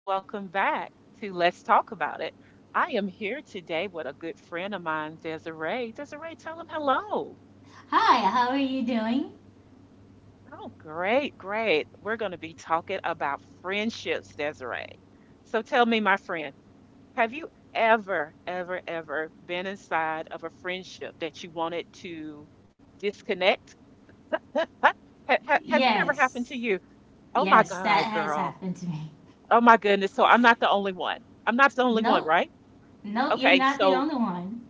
Welcome back to Let's Talk About It. I am here today with a good friend of mine, Desiree. Desiree, tell them hello. Hi, how are you doing? Oh, great, great. We're going to be talking about friendships, Desiree. So tell me, my friend, have you ever been inside of a friendship that you wanted to disconnect? Has that ever happened to Yes, you? Oh my yes, that God, has girl. happened to me. Oh my goodness. So I'm not the only one. I'm not the only one, Nope, right? nope, you're Okay. not the So only one.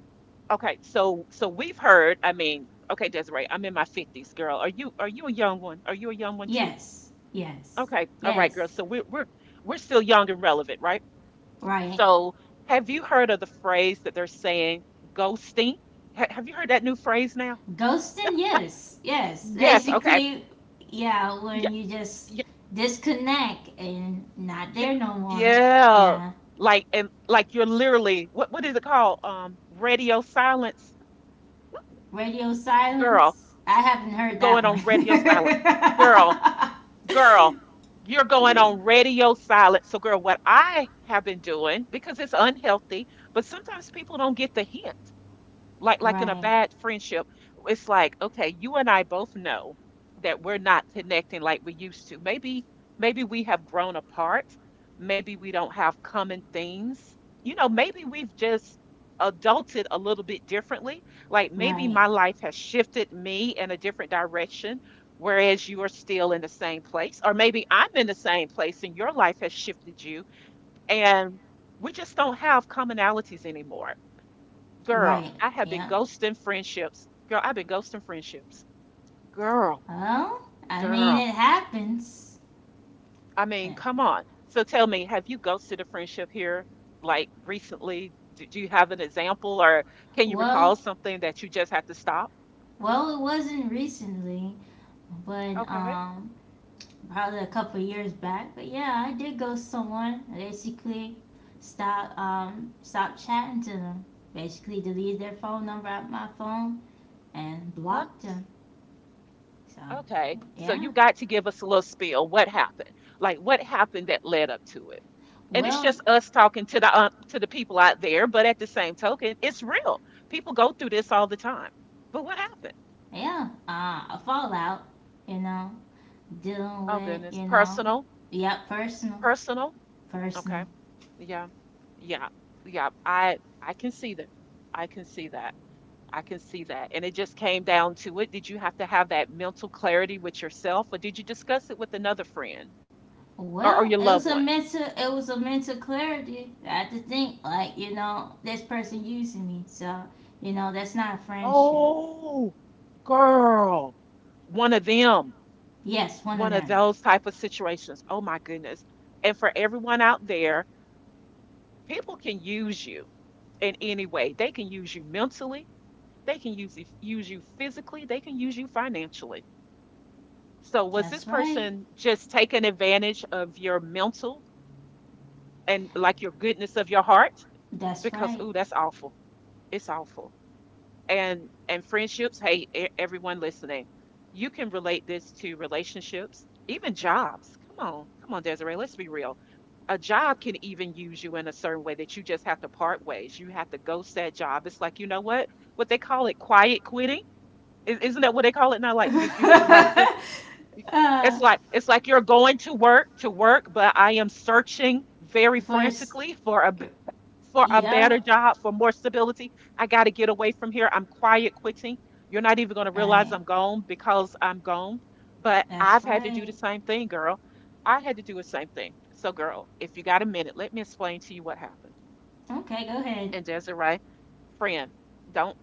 okay. So we've heard. I mean, okay, Desiree. I'm in my fifties, girl. Are you a young one? Are you a young one too? Yes, yes, Okay. All right, girl. yes, So we're still young and relevant, right? right. So have you heard of the phrase that they're saying ghosting? Have you heard that new phrase now? Ghosting, yes, yes. Yes. Okay. Basically, yeah, Yeah. when you just Yeah. disconnect and not Yeah. there no more. Yeah. Yeah, Like and like you're literally what is it called? Radio silence, radio girl. silence. I haven't heard that Going on radio silent. Girl, girl, you're going on one. radio silent. So, girl, what I have been doing, because it's unhealthy, but sometimes people don't get the hint, like like in a right, bad friendship, it's like okay, you and I both know that we're not connecting like we used to. Maybe we have grown apart. Maybe we don't have common things. You know, maybe we've just adulted a little bit differently. Like maybe right, my life has shifted me in a different direction, whereas you are still in the same place, or maybe I'm in the same place and your life has shifted you, and we just don't have commonalities anymore. Girl, right. I have been Yeah. ghosting friendships. Girl, I've been ghosting friendships. Girl, "Well, I mean girl. it happens. I mean, come on. So tell me, have you ghosted a friendship here like recently? Do you have an example, or can you recall Well something that you just had to stop? well, it wasn't recently, but Okay. Probably a couple of years back. But yeah, I did ghost to someone. I basically stop stop chatting to them. Basically deleted their phone number out my phone and What? blocked them. So Okay. So yeah. you got to give us a little spiel. What happened? Like what happened that led up to it? And it's Well just us talking to the people out there, but at the same token it's real. People go through this all the time. But what happened? yeah, a fallout, you know, dealing Oh with, goodness. you know, Personal. yeah, personal. Personal. Okay. Personal. Yeah. Yeah. Yeah. I can see that. I can see that. I can see that. And it just came down to it. Did you have to have that mental clarity with yourself, or did you discuss it with another friend, or Well, your it loved was a one? Mental clarity. I had to think like, you know, this person using me. So, you know, that's not a friendship. Oh, girl. One of them. Yes, one One of of them. those type of situations. Oh my goodness. And for everyone out there, people can use you in any way. They can use you mentally. They can use you physically, they can use you financially. So was this That's right. person just taking advantage of your mental and like your goodness of your heart? That's Because right. ooh, that's awful. It's awful. And friendships, hey, everyone listening, you can relate this to relationships, even jobs. Come on, come on, Desiree, let's be real. A job can even use you in a certain way that you just have to part ways. You have to ghost that job. It's like, you know what? What they call it, quiet quitting. Is isn't that what they call it now? Like you like you're uh, it's like you're going to work, but I am searching very first. frantically for a better Yeah. job, for more stability. I gotta get away from here. I'm quiet quitting. You're not even gonna realize Right. I'm gone because I'm gone. But That's I've had to do the right. same thing, girl. I had to do the same thing. So, girl, if you got a minute, let me explain to you what happened. Okay, go ahead. And Desiree, friend, don't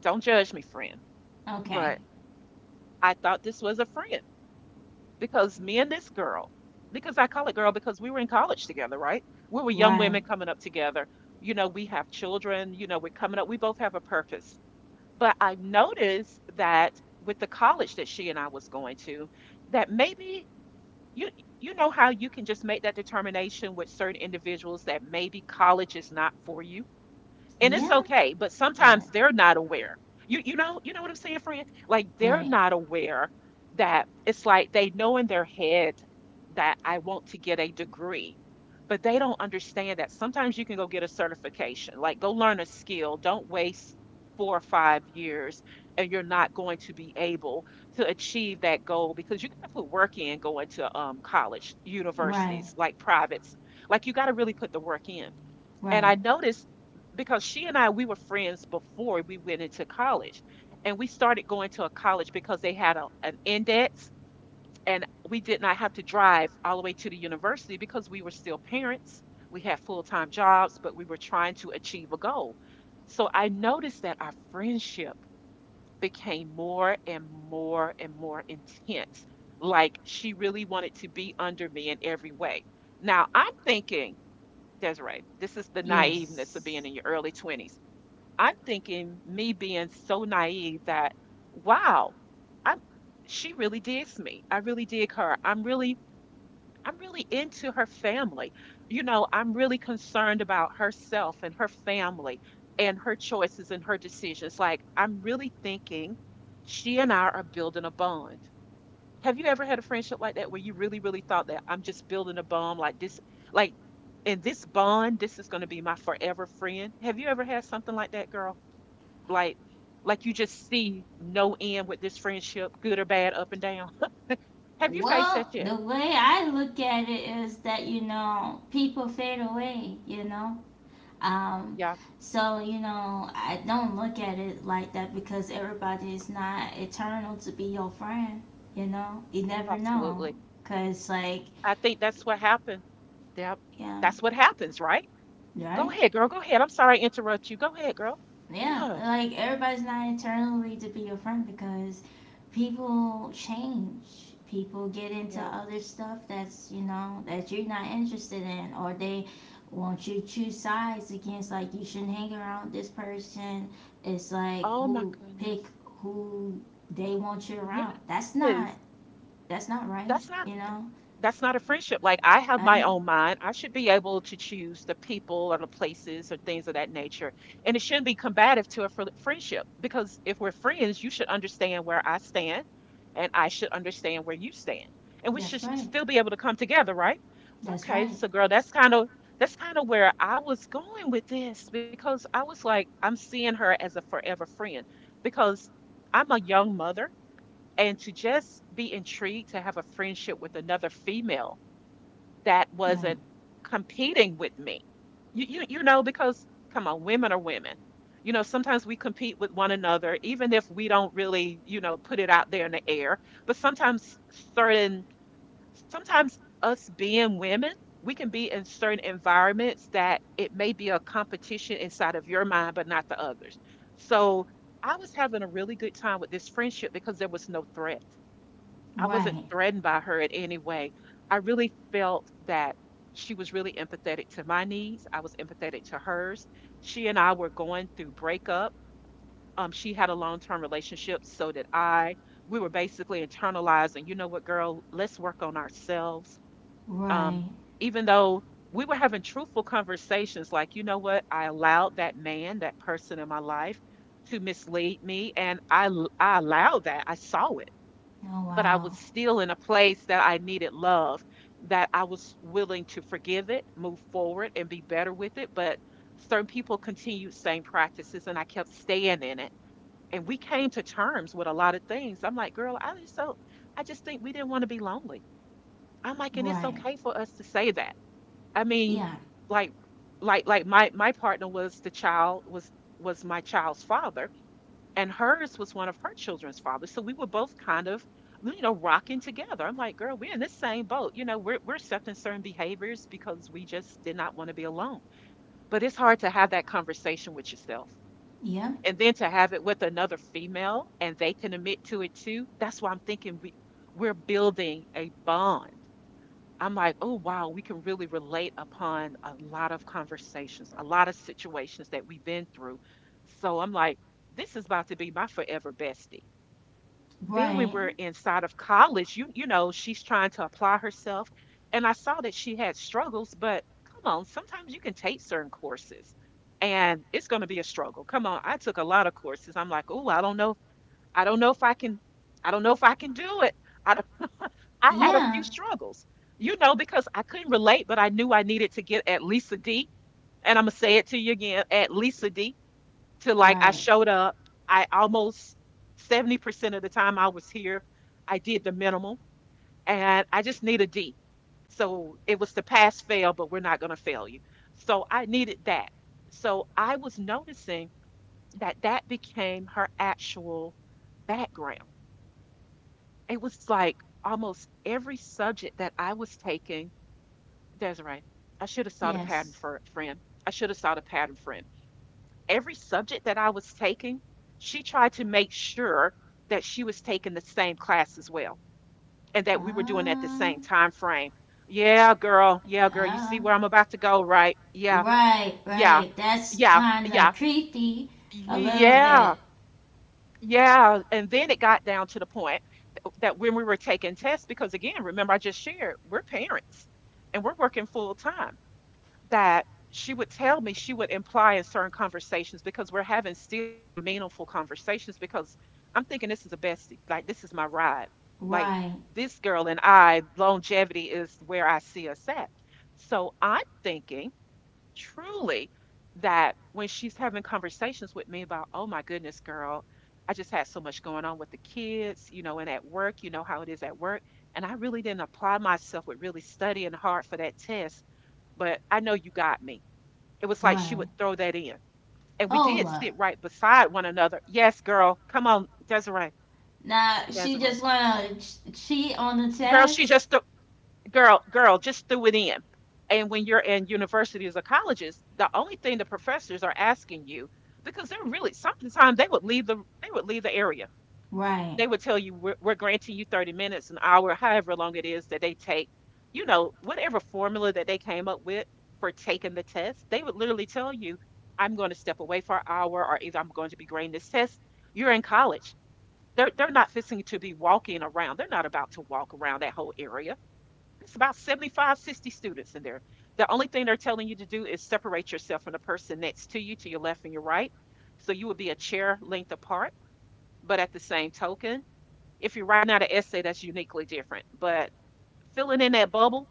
don't judge me, friend, Okay. but I thought this was a friend. Because me and this girl, because I call it girl because we were in college together, right? We were young Right. women coming up together. You know, we have children, we're coming up. We both have a purpose. But I noticed that with the college that she and I was going to, that maybe you you know how you can just make that determination with certain individuals that maybe college is not for you, and it's Yeah. okay, but Uh, sometimes they're not aware. You know, you know what I'm saying, friend? Like they're right. not aware that it's like they know in their head that I want to get a degree, but they don't understand that sometimes you can go get a certification, like go learn a skill. Don't waste 4 or 5 years, and you're not going to be able to achieve that goal, because you got to put work in going to college, Right, universities like privates, like you got to really put the work in. And right. I noticed, because she and I we were friends before we went into college, and we started going to a college because they had an index, and we did not have to drive all the way to the university because we were still parents. We had full time jobs, but we were trying to achieve a goal. So I noticed that our friendship became more and more and more intense. Like she really wanted to be under me in every way. Now I'm thinking, Desiree, this is the naiveness of Yes. being in your early 20s. I'm thinking, me being so naive, that, wow, I'm she really digs me. I really dig her. I'm really into her family. You know, I'm really concerned about herself and her family and her choices and her decisions. Like I'm really thinking she and I are building a bond. Have you ever had a friendship like that, where you really, really thought that I'm just building a bond like this, like, and this bond, this is going to be my forever friend? Have you ever had something like that, girl? Like, like you just see no end with this friendship, good or bad, up and down. Have you faced Well, that yet? the way I look at it is that, you know, people fade away, you know? Um, Yeah, so, you know, I don't look at it like that because everybody is not eternal to be your friend, you know? You never know. absolutely. Because, like, I think that's what happened. Yep. yeah, That's what happens, right? Go right? ahead, girl. Go ahead. I'm sorry I interrupt you. Go ahead, girl. Yeah, Yes. like everybody's not eternally to be your friend because people change. People get into Yeah. other stuff that's, you know, that you're not interested in, or they want you to choose sides against, like you shouldn't hang around this person. It's like Oh my who pick goodness. who they want you around. That's not Yes. that's not right, That's not you know? that's not a friendship. Like I have Right? my own mind. I should be able to choose the people or the places or things of that nature. And it shouldn't be combative to a friendship, because if we're friends, you should understand where I stand and I should understand where you stand. And we That's should s- right. still be able to come together, right? That's Okay, right. so girl, that's kind of where I was going with this, because I was like, I'm seeing her as a forever friend, because I'm a young mother, and to just be intrigued to have a friendship with another female that Right. wasn't competing with me. Because, come on, women are women. You know, sometimes we compete with one another, even if we don't really, put it out there in the air. But sometimes certain, sometimes us being women, we can be in certain environments that it may be a competition inside of your mind, but not the others. So I was having a really good time with this friendship because there was no threat. I wasn't Right. threatened by her in any way. I really felt that she was really empathetic to my needs. I was empathetic to hers. She and I were going through breakup. She had a long-term relationship, so did I. We were basically internalizing, you know what, girl, let's work on ourselves. Um, Right. Even though we were having truthful conversations, like, you know what, I allowed that man, that person in my life, to mislead me, and I allowed that. I saw it, Oh but I was wow. still in a place that I needed love, that I was willing to forgive it, move forward, and be better with it. But certain people continued same practices, and I kept staying in it. And we came to terms with a lot of things. I'm like, girl, I just think we didn't want to be lonely. I'm like, and it's Right. okay for us to say that. I mean, Yeah. like, like my partner was the child was my child's father, and hers was one of her children's fathers. So we were both kind of, rocking together. I'm like, girl, we're in this same boat. You know, we're accepting certain behaviors because we just did not want to be alone. But it's hard to have that conversation with yourself. Yeah. And then to have it with another female and they can admit to it too. That's why I'm thinking we're building a bond. I'm like, oh wow, we can really relate upon a lot of conversations, a lot of situations that we've been through. So I'm like, this is about to be my forever bestie. Then we Right. were inside of college. You know, she's trying to apply herself. And I saw that she had struggles, but come on, sometimes you can take certain courses and it's going to be a struggle. Come on, I took a lot of courses. I'm like, "Oh, I don't know. I don't know if I can I don't know if I can do it." I don't- I had a few Yeah. struggles. You know, because I couldn't relate, but I knew I needed to get at least a D. And I'm going to say it to you again, at least a D, to like I Right. showed up. I almost 70% of the time I was here, I did the minimal and I just need a D. So it was the pass fail, but we're not going to fail you. So I needed that. So I was noticing that became her actual background. It was like almost every subject that I was taking, Desiree, I should have saw the pattern Yes. for friend. I should have saw the pattern, friend, every subject that I was taking, she tried to make sure that she was taking the same class as well and that we were doing at the Uh, same time frame. Yeah, girl. Yeah, girl. You yeah. see where I'm about to go, right? Yeah. Right, Yeah. right. That's Yeah. kind of Yeah. creepy. A little Yeah. bit. Yeah. And then it got down to the point that when we were taking tests, because again, remember I just shared, we're parents and we're working full time. That she would tell me, she would imply in certain conversations, because we're having still meaningful conversations, because I'm thinking this is a bestie. Like this is my ride. Like Right, this girl and I, longevity is where I see us at. So I'm thinking truly that when she's having conversations with me about, oh my goodness, girl, I just had so much going on with the kids, you know, and at work, you know how it is at work. And I really didn't apply myself with really studying hard for that test, but I know you got me. It was like she would right. throw that in. And we did Hold up. sit right beside one another. Yes, girl. Come on, Desiree. Now, she Desiree. just want to ch- cheat on the Girl, she test? just threw, girl, girl, just threw it in. And when you're in universities or colleges, the only thing the professors are asking you, because they're, really sometimes they would leave the, they would leave the area. Right, They would tell you we're granting you 30 minutes, an hour, however long it is that they take, you know, whatever formula that they came up with for taking the test. They would literally tell you, I'm going to step away for an hour, or either I'm going to be grading this test. You're in college. They're not fixing to be walking around. They're not about to walk around that whole area. It's about 75 60 students in there. The only thing they're telling you to do is separate yourself from the person next to you, to your left and your right, so you would be a chair length apart. But at the same token, if you're writing out an essay, that's uniquely different. But filling in that bubble,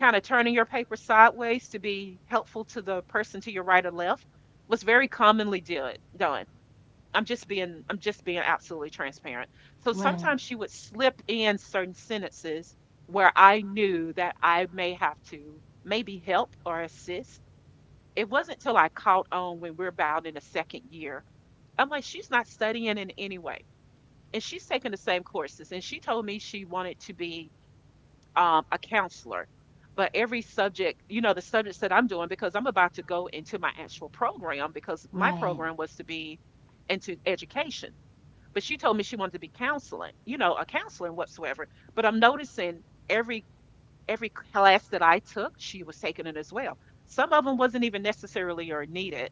kind of turning your paper sideways to be helpful to the person to your right or left, was very commonly done. I'm just being absolutely transparent. So right, sometimes she would slip in certain sentences where I knew that I may have to maybe help or assist. It wasn't till I caught on when we're about in the second year. I'm like, she's not studying in any way, and she's taken the same courses, and she told me she wanted to be a counselor. But every subject, you know, the subjects that I'm doing, because I'm about to go into my actual program, because my right. program was to be into education. But she told me she wanted to be counseling, you know, a counselor and whatsoever. But I'm noticing every every class that I took, she was taking it as well. Some of them wasn't even necessarily or needed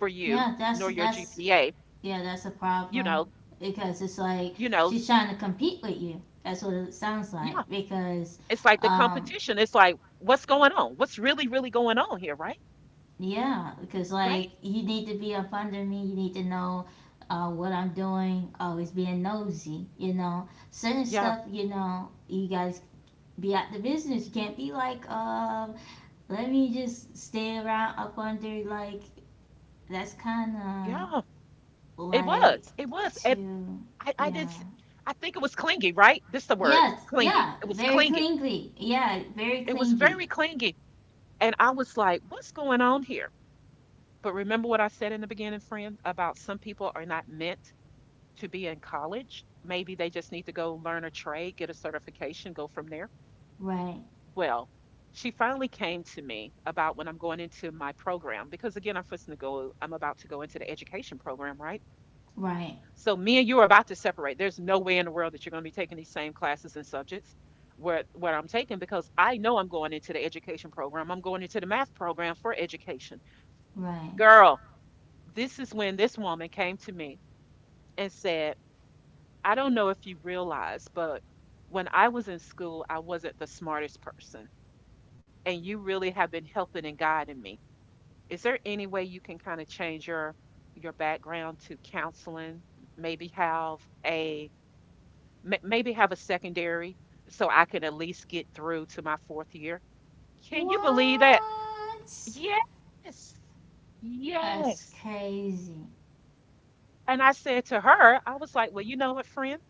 for you Yeah, that's, nor your that's, GPA. yeah, that's a You know. problem. Because it's like You know. she's trying to compete with you. That's what it sounds like. Yeah. Because, It's like the um, competition. It's like, what's going on? What's really, really going on here, right? yeah, because Right? like you need to be up under me. You need to know what I'm doing. Always being nosy, you know. Certain Yeah. stuff, you know, you guys be out the business. You can't be like, let me just stay around up under. Like that's kind Yeah. of It like was. It was. And too, I, I did yeah, s- I think it was clingy, right? This the word, yes, clingy. yeah, It was very clingy. clingy. Yeah, very It was clingy. very clingy. And I was like, what's going on here? But remember what I said in the beginning, friend, about some people are not meant to be in college. Maybe they just need to go learn a trade, get a certification, go from there. Right, Well, she finally came to me about when I'm going into my program, because again, I'm fixing to go. I'm about to go into the education program, right? right, So me and you are about to separate. There's no way in the world that you're going to be taking these same classes and subjects where what I'm taking, because I know I'm going into the education program. I'm going into the math program for education. right. Girl, this is when this woman came to me and said, "I don't know if you realize, but when I was in school, I wasn't the smartest person. And you really have been helping and guiding me. Is there any way you can kind of change your background to counseling? Maybe have a maybe have a secondary, so I can at least get through to my fourth year." Can you believe that? What? Yes. That's Yes. crazy. And I said to her, I was like, well, you know what, friend?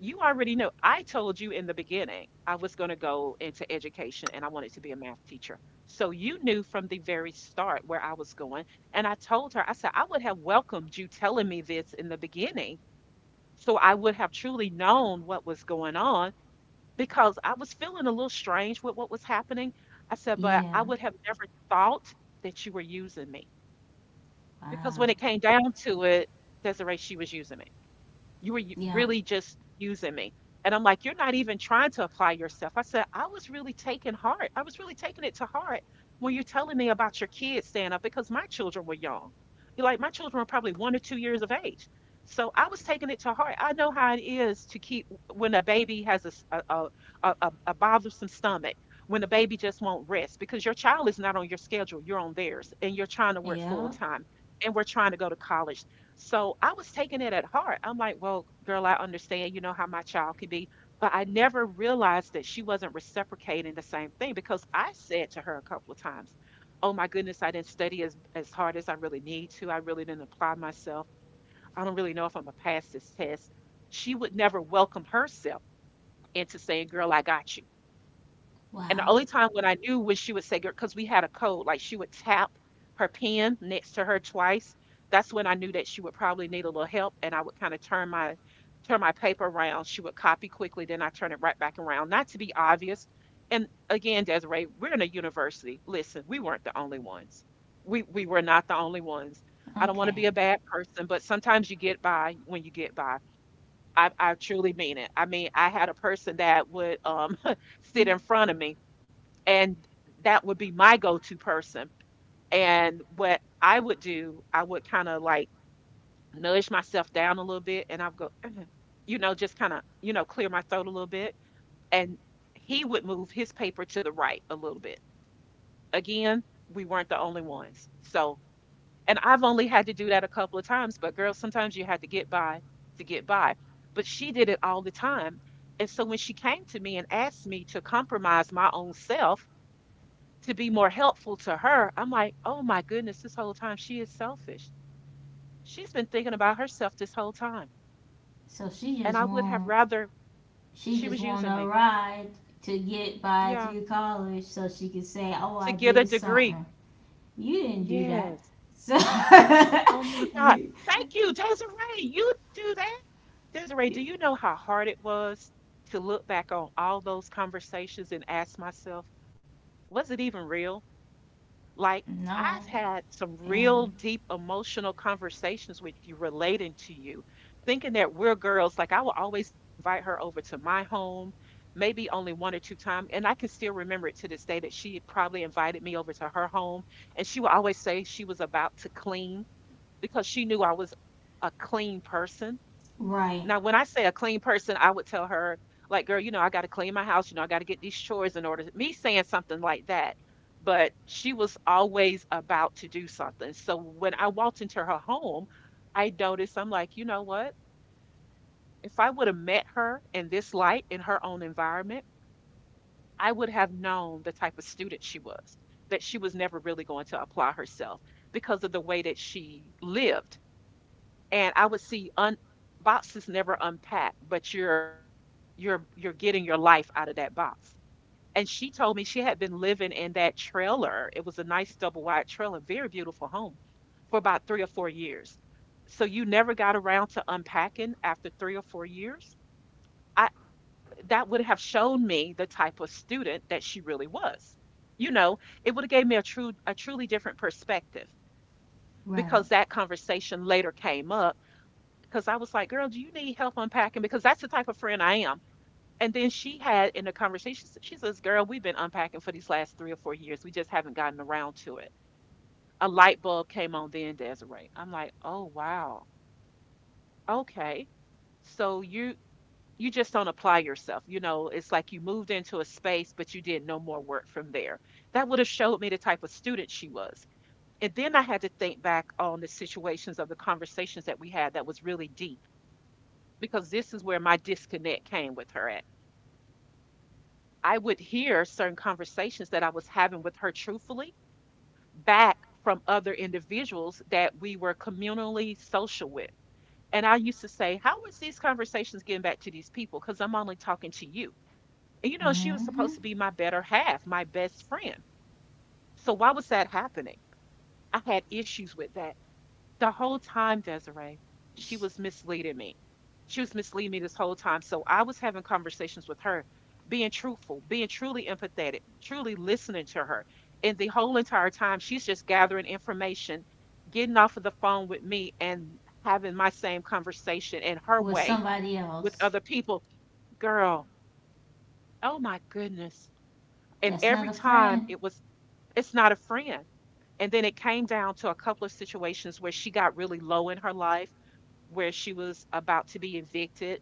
You already know. I told you in the beginning I was going to go into education and I wanted to be a math teacher. So you knew from the very start where I was going. And I told her, I said, I would have welcomed you telling me this in the beginning. So I would have truly known what was going on, because I was feeling a little strange with what was happening. I said, but I Yeah. would have never thought that you were using me, because Wow. when it came down to it, Desiree, she was using me. Yeah. Really just using me. And I'm like, you're not even trying to apply yourself. I said, I was really taking heart. I was really taking it to heart when you're telling me about your kids staying up, because my children were young. You're like, my children were probably 1 or 2 years of age. So I was taking it to heart. I know how it is to keep, when a baby has a a bothersome stomach, when a baby just won't rest because your child is not on your schedule, you're on theirs, and you're trying to work full Yeah. time and we're trying to go to college. So I was taking it at heart. I'm like, well, girl, I understand, you know, how my child could be. But I never realized that she wasn't reciprocating the same thing, because I said to her a couple of times, oh my goodness, I didn't study as hard as I really need to. I really didn't apply myself. I don't really know if I'm going to pass this test. She would never welcome herself into saying, girl, I got you. And the Wow. only time when I knew was she would say, girl, because we had a code, like she would tap her pen next to her twice. That's when I knew that she would probably need a little help. And I would kind of turn my paper around. She would copy quickly, then I turn it right back around. Not to be obvious. And again, Desiree, we're in a university. Listen, we weren't the only ones. We were not the only ones. I don't want to be Okay. a bad person, but sometimes you get by when you get by. I truly mean it. I mean, I had a person that would sit in front of me and that would be my go-to person. And what I would do, I would kind of like nudge myself down a little bit and I would go "Uh-huh," you know, just kind of, clear my throat a little bit. And he would move his paper to the right a little bit. Again, we weren't the only ones. So, and I've only had to do that a couple of times, but girl, sometimes you had to get by to get by. But she did it all the time. And so when she came to me and asked me to compromise my own self to be more helpful to her, I'm like, oh my goodness, this whole time she is selfish. She's been thinking about herself this whole time. So And I would have rather she she just was want using a me. ride to get by Yeah. through college so she could say, "Oh, To I get a did degree. something." You didn't do that. Yes. So Oh my God. Thank you, Desiree. You do that. Desiree, do you know how hard it was to look back on all those conversations and ask myself, was it even real? Like, no. I've had some Yeah. real deep emotional conversations with you, relating to you, thinking that we're girls. Like, I will always invite her over to my home, maybe only one or two times. And I can still remember it to this day that she probably invited me over to her home. And she would always say she was about to clean because she knew I was a clean person. Right. Now, when I say a clean person, I would tell her, like, girl, you know, I got to clean my house. You know, I got to get these chores in order. Me saying something like that. But she was always about to do something. So when I walked into her home, I noticed, I'm like, you know what? If I would have met her in this light, in her own environment, I would have known the type of student she was, that she was never really going to apply herself because of the way that she lived. And I would see un boxes never unpacked, but you're getting your life out of that box. And she told me she had been living in that trailer. It was a nice double wide trailer, very beautiful home, for about 3 or 4 years. So you never got around to unpacking after 3 or 4 years. I, that would have shown me the type of student that she really was. You know, it would have gave me a true, a truly different perspective, Right. because that conversation later came up. Because I was like, girl, do you need help unpacking? Because that's the type of friend I am. And then she had in the conversation, she says, girl, we've been unpacking for these last 3 or 4 years. We just haven't gotten around to it. A light bulb came on then, Desiree. I'm like, oh, wow. Okay. So you just don't apply yourself. You know, it's like you moved into a space, but you did no more work from there. That would have showed me the type of student she was. And then I had to think back on the situations of the conversations that we had that was really deep, because this is where my disconnect came with her at. I would hear certain conversations that I was having with her truthfully back from other individuals that we were communally social with. And I used to say, how is these conversations getting back to these people? Because I'm only talking to you. And you know, she was supposed Mhm. to be my better half, my best friend. So why was that happening? I had issues with that. The whole time, Desiree, she was misleading me. She was misleading me this whole time. So I was having conversations with her, being truthful, being truly empathetic, truly listening to her. And the whole entire time, she's just gathering information, getting off of the phone with me and having my same conversation in her With way somebody with else. other people. Girl, oh my goodness. And That's not every a time friend. it was, it's not a friend. And then it came down to a couple of situations where she got really low in her life, where she was about to be evicted.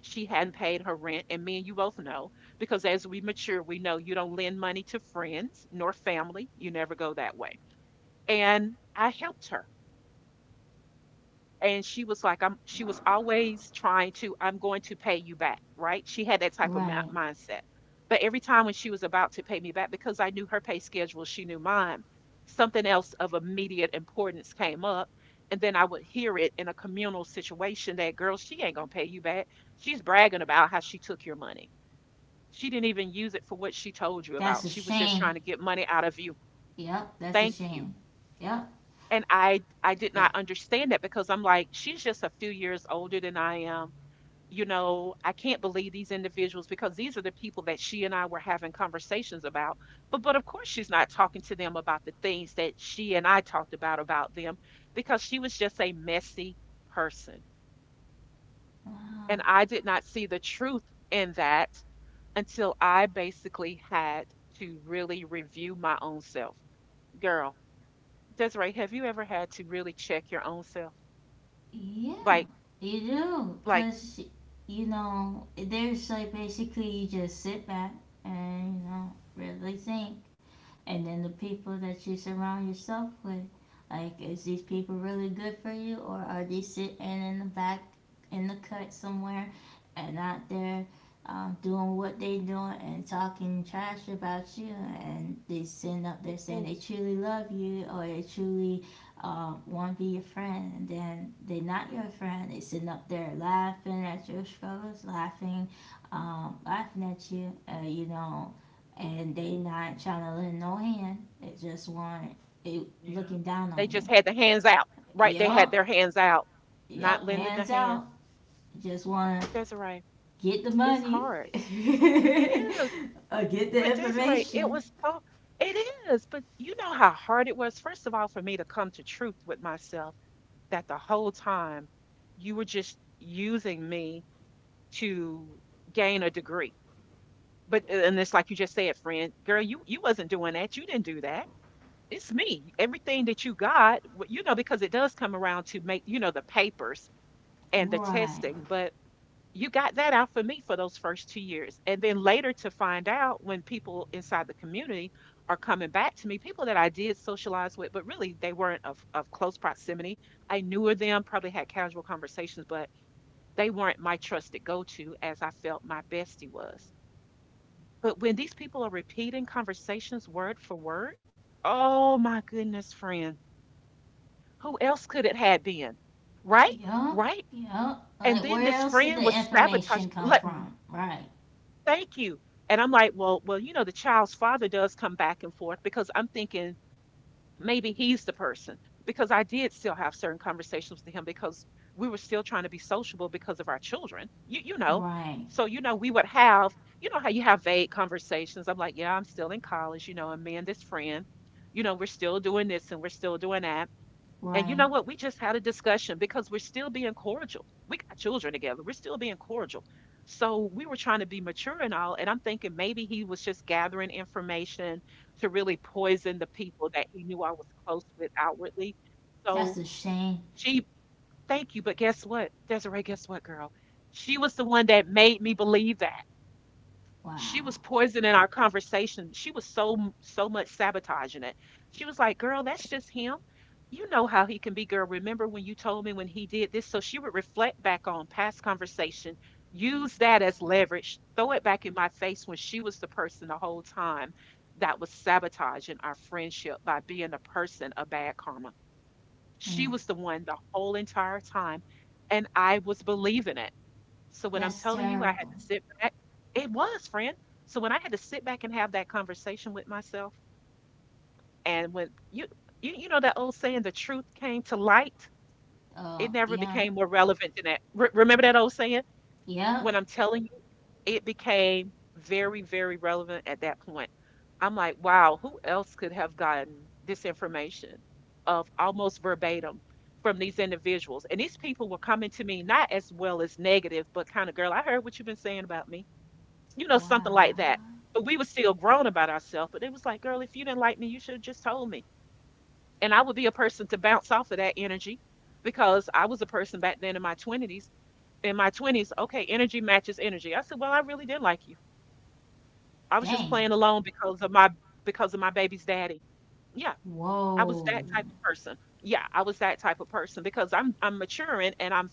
She hadn't paid her rent. And me and you both know, because as we mature, we know you don't lend money to friends nor family. You never go that way. And I helped her. And she was like, I'm she was always trying to, I'm going to pay you back, right? She had that type of Right. Mindset. But every time when she was about to pay me back, because I knew her pay schedule, she knew mine, something else of immediate importance came up. And then I would hear it in a communal situation that, girl, she ain't going to pay you back. She's bragging about how she took your money. She didn't even use it for what she told you about. That's a She was just shame. trying to get money out of you. Yep, that's a Thank you. shame. Yep. And I did not It, understand that, because I'm like, she's just a few years older than I am. You know, I can't believe these individuals, because these are the people that she and I were having conversations about. But of course she's not talking to them about the things that she and I talked about them, because she was just a messy person. And wow. I did not see the truth in that until I basically had to really review my own self. Girl, Desiree, have you ever had to really check your own self? Yeah, Like. you do. Like, Because, you know, there's like basically you just sit back and, you know, really think and then the people that you surround yourself with. Like, is these people really good for you, or are they sitting in the back in the cut somewhere and out there doing what they doing and talking trash about you? And they send up there saying ooh, they truly love you or they truly want to be your friend, and then they're not your friend. They sitting up there laughing at your struggles, laughing, laughing at you. You know, and they not trying to lend no hand. They just want it yeah. looking down They on just you. had the hands out, right? They had Yep, their hands out, not yep, lending the hands hand. out. Just want to Desiree, get the it's money hard. It is. or get the But Desiree, it information. was so, it is. But you know how hard it was, first of all, for me to come to truth with myself that the whole time you were just using me to gain a degree. But, and it's like you just said, friend, girl, you wasn't doing that. You didn't do that. It's me. Everything that you got, you know, because it does come around to make, you know, the papers and the Right. testing, but you got that out for me for those first 2 years. And then later to find out when people inside the community are coming back to me, people that I did socialize with, but really they weren't of close proximity. I knew of them, probably had casual conversations, but they weren't my trusted go to as I felt my bestie was. But when these people are repeating conversations word for word, oh my goodness, friend, who else could it have been? Right? Yep, Right? yep. Like And then where this else did friend the was information sabotaged. come Like, from? Right, thank you. And I'm like, well, well, you know, the child's father does come back and forth, because I'm thinking maybe he's the person, because I did still have certain conversations with him, because we were still trying to be sociable because of our children. You know. right, So, you know, we would have, you know how you have vague conversations. I'm like, yeah, I'm still in college, you know, and me and this friend, you know, we're still doing this and we're still doing that. And you right. know what? We just had a discussion because we're still being cordial. We got children together. We're still being cordial. So we were trying to be mature and all. And I'm thinking maybe he was just gathering information to really poison the people that he knew I was close with outwardly. That's a So shame. she, thank you. But guess what? Desiree, guess what, girl? She was the one that made me believe that. She Wow. was poisoning our conversation. She was so so much sabotaging it. She was like, "Girl, that's just him. You know how he can be, girl. Remember when you told me when he did this?" So she would reflect back on past conversation, use that as leverage, throw it back in my face, when she was the person the whole time that was sabotaging our friendship by being a person of bad karma. Mm, She was the one the whole entire time, and I was believing it. So when I'm that's telling you, I had terrible. to sit back. It was, friend. So when I had to sit back and have that conversation with myself, and when you, you know that old saying, the truth came to light, it never Yeah, became more relevant than that. Remember that old saying? yep. When I'm telling you, it became very, very relevant at that point. I'm like, wow, who else could have gotten this information of almost verbatim from these individuals? And these people were coming to me not as well as negative, but kind of, girl, I heard what you've been saying about me, you know, something like Wow. that. But we were still grown about ourselves. But it was like, girl, if you didn't like me, you should have just told me. And I would be a person to bounce off of that energy, because I was a person back then in my 20s. In my 20s, okay, energy matches energy. I said, well, I really didn't like you. I was just Dang. playing alone because of my, because of my baby's daddy. Yeah, I was Whoa, that type of person. Yeah, I was that type of person because I'm maturing and I'm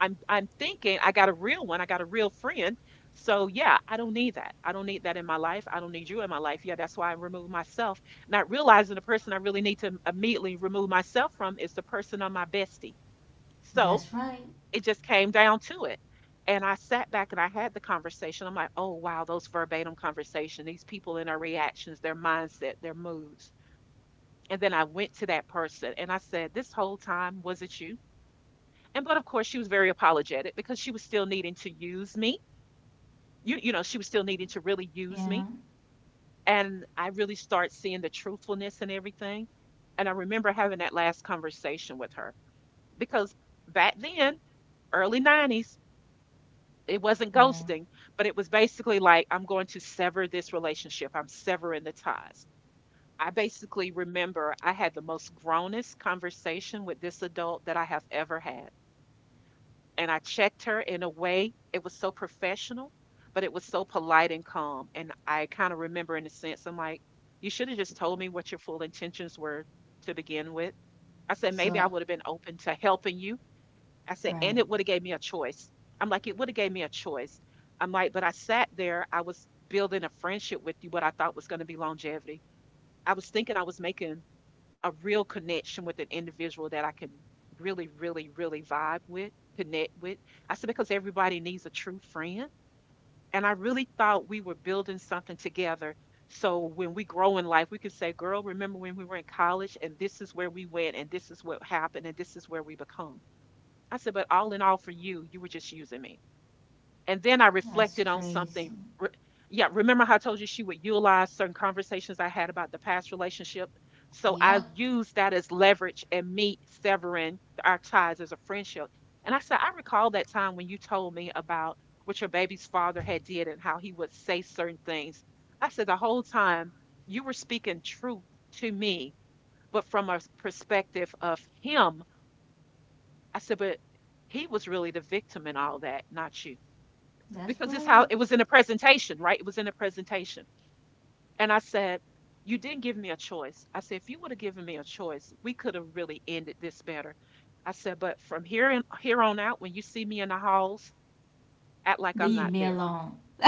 I'm I'm thinking I got a real one, I got a real friend. So yeah, I don't need that. I don't need that in my life. I don't need you in my life. Yeah, that's why I remove myself, not realizing the person I really need to immediately remove myself from is the person on my bestie. So that's right. it just came down to it. And I sat back and I had the conversation. I'm like, oh wow, those verbatim conversation, these people and their reactions, their mindset, their moods. And then I went to that person and I said, this whole time, was it you? And but of course she was very apologetic because she was still needing to use me. She was still needing to really use me. Yeah, And I really start seeing the truthfulness and everything. And I remember having that last conversation with her because back then, early 90s, it wasn't right. ghosting, but it was basically like, I'm going to sever this relationship. I'm severing the ties. I basically remember I had the most grownest conversation with this adult that I have ever had. And I checked her in a way. It was so professional, but it was so polite and calm. And I kind of remember, in a sense, I'm like, you should have just told me what your full intentions were to begin with. I said, maybe I So, would have been open to helping you. I said, and right. it would have gave me a choice. I'm like, it would have gave me a choice. I'm like, but I sat there. I was building a friendship with you, what I thought was going to be longevity. I was thinking I was making a real connection with an individual that I can really, really, really vibe with, connect with. I said, because everybody needs a true friend. And I really thought we were building something together. So when we grow in life, we could say, girl, remember when we were in college and this is where we went and this is what happened and this is where we become. I said, but all in all, for you, you were just using me. And then I That's reflected on something. crazy. Re- yeah, remember how I told you she would utilize certain conversations I had about the past relationship? So I Yep, used that as leverage and me severing our ties as a friendship. And I said, I recall that time when you told me about what your baby's father had did and how he would say certain things. I said, the whole time you were speaking truth to me, but from perspective of him, I said, but he was really the victim in all that, not you that's because it's how right. it was in a presentation, right? It was in a presentation. And I said, you didn't give me a choice. I said, if you would have given me a choice, we could have really ended this better. I said, but from here, here on out, when you see me in the halls, act like I'm Leave not me there. alone.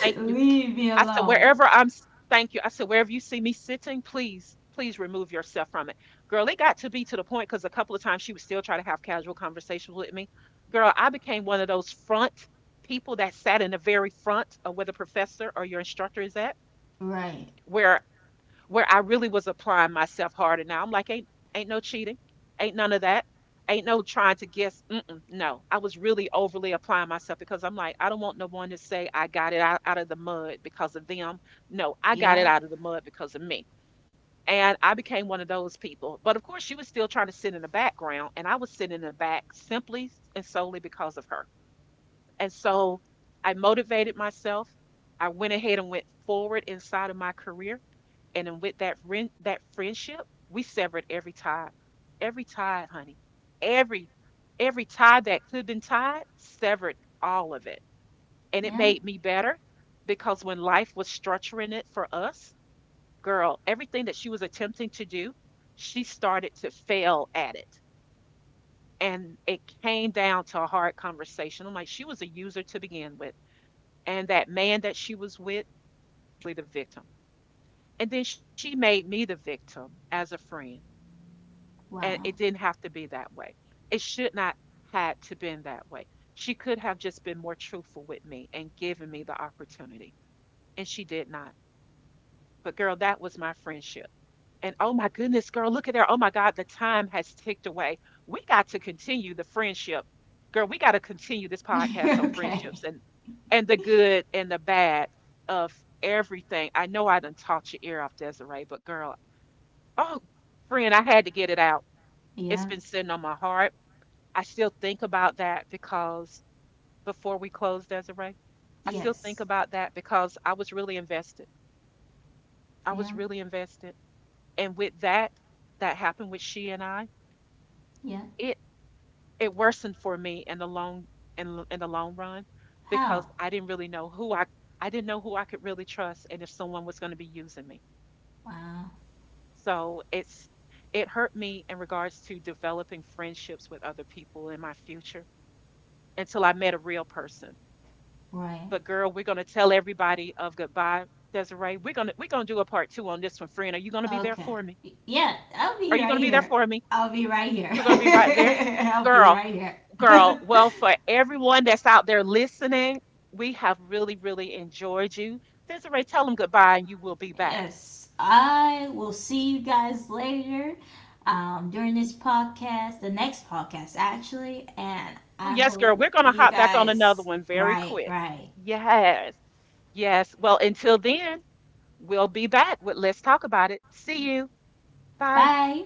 Thank you. Leave me I said, alone. Thank you. I said, wherever you see me sitting, please, please remove yourself from it. Girl, it got to be to the point because a couple of times she would still try to have casual conversations with me. Girl, I became one of those front people that sat in the very front of where the professor or your instructor is at, Right. where where I really was applying myself harder. Now I'm like, ain't no cheating, ain't none of that, ain't no trying to guess. Mm-mm, no, I was really overly applying myself because I'm like, I don't want no one to say I got it out of the mud because of them. No, I got it Yep. out of the mud because of me. And I became one of those people. But of course, she was still trying to sit in the background, and I was sitting in the back simply and solely because of her. And so I motivated myself. I went ahead and went forward inside of my career. And then with that friend, that friendship, we severed every tie, honey, every every tie that could have been tied, severed all of it. And it Yeah. made me better because when life was structuring it for us, girl, everything that she was attempting to do, she started to fail at it. And it came down to a hard conversation. I'm like, she was a user to begin with. And that man that she was with, was the victim. And then she made me the victim as a friend and it didn't Wow. have to be that way. It should not had to been that way. She could have just been more truthful with me and given me the opportunity, and she did not. But girl, that was my friendship. And oh my goodness, girl, look at there. Oh my God, the time has ticked away. We got to continue the friendship. Girl, we got to continue this podcast on friendships okay. and the good and the bad of everything. I know I done taught your ear off, Desiree, but girl, oh friend, I had to get it out. It's Yeah. been sitting on my heart. I still think about that because before we close, Desiree, I still think Yes. about that because I was really invested. I was Yeah. really invested. And with that, that happened with she and I, Yeah. it it worsened for me in the long in the long run How? because I didn't really know who I didn't know who I could really trust and if someone was going to be using me. Wow. So it's it hurt me in regards to developing friendships with other people in my future until I met a real person. Right. But girl, we're gonna tell everybody of goodbye, Desiree. We're gonna do a part two on this one, friend. Are you gonna be there Okay. for me? Y- Yeah, I'll Are be you right gonna be there here. for me? I'll be right here. You're gonna be right there, I'll be girl, right girl. here. Well, for everyone that's out there listening, we have really, really enjoyed you. Desiree, tell them goodbye, and you will be back. Yes, I will see you guys later during this podcast, the next podcast actually, and Oh I yes, hope girl. We're gonna you hop back on another guys. one very Right, quick. right. Yes, yes. Well, until then, we'll be back with Let's Talk About It. See you. Bye. Bye.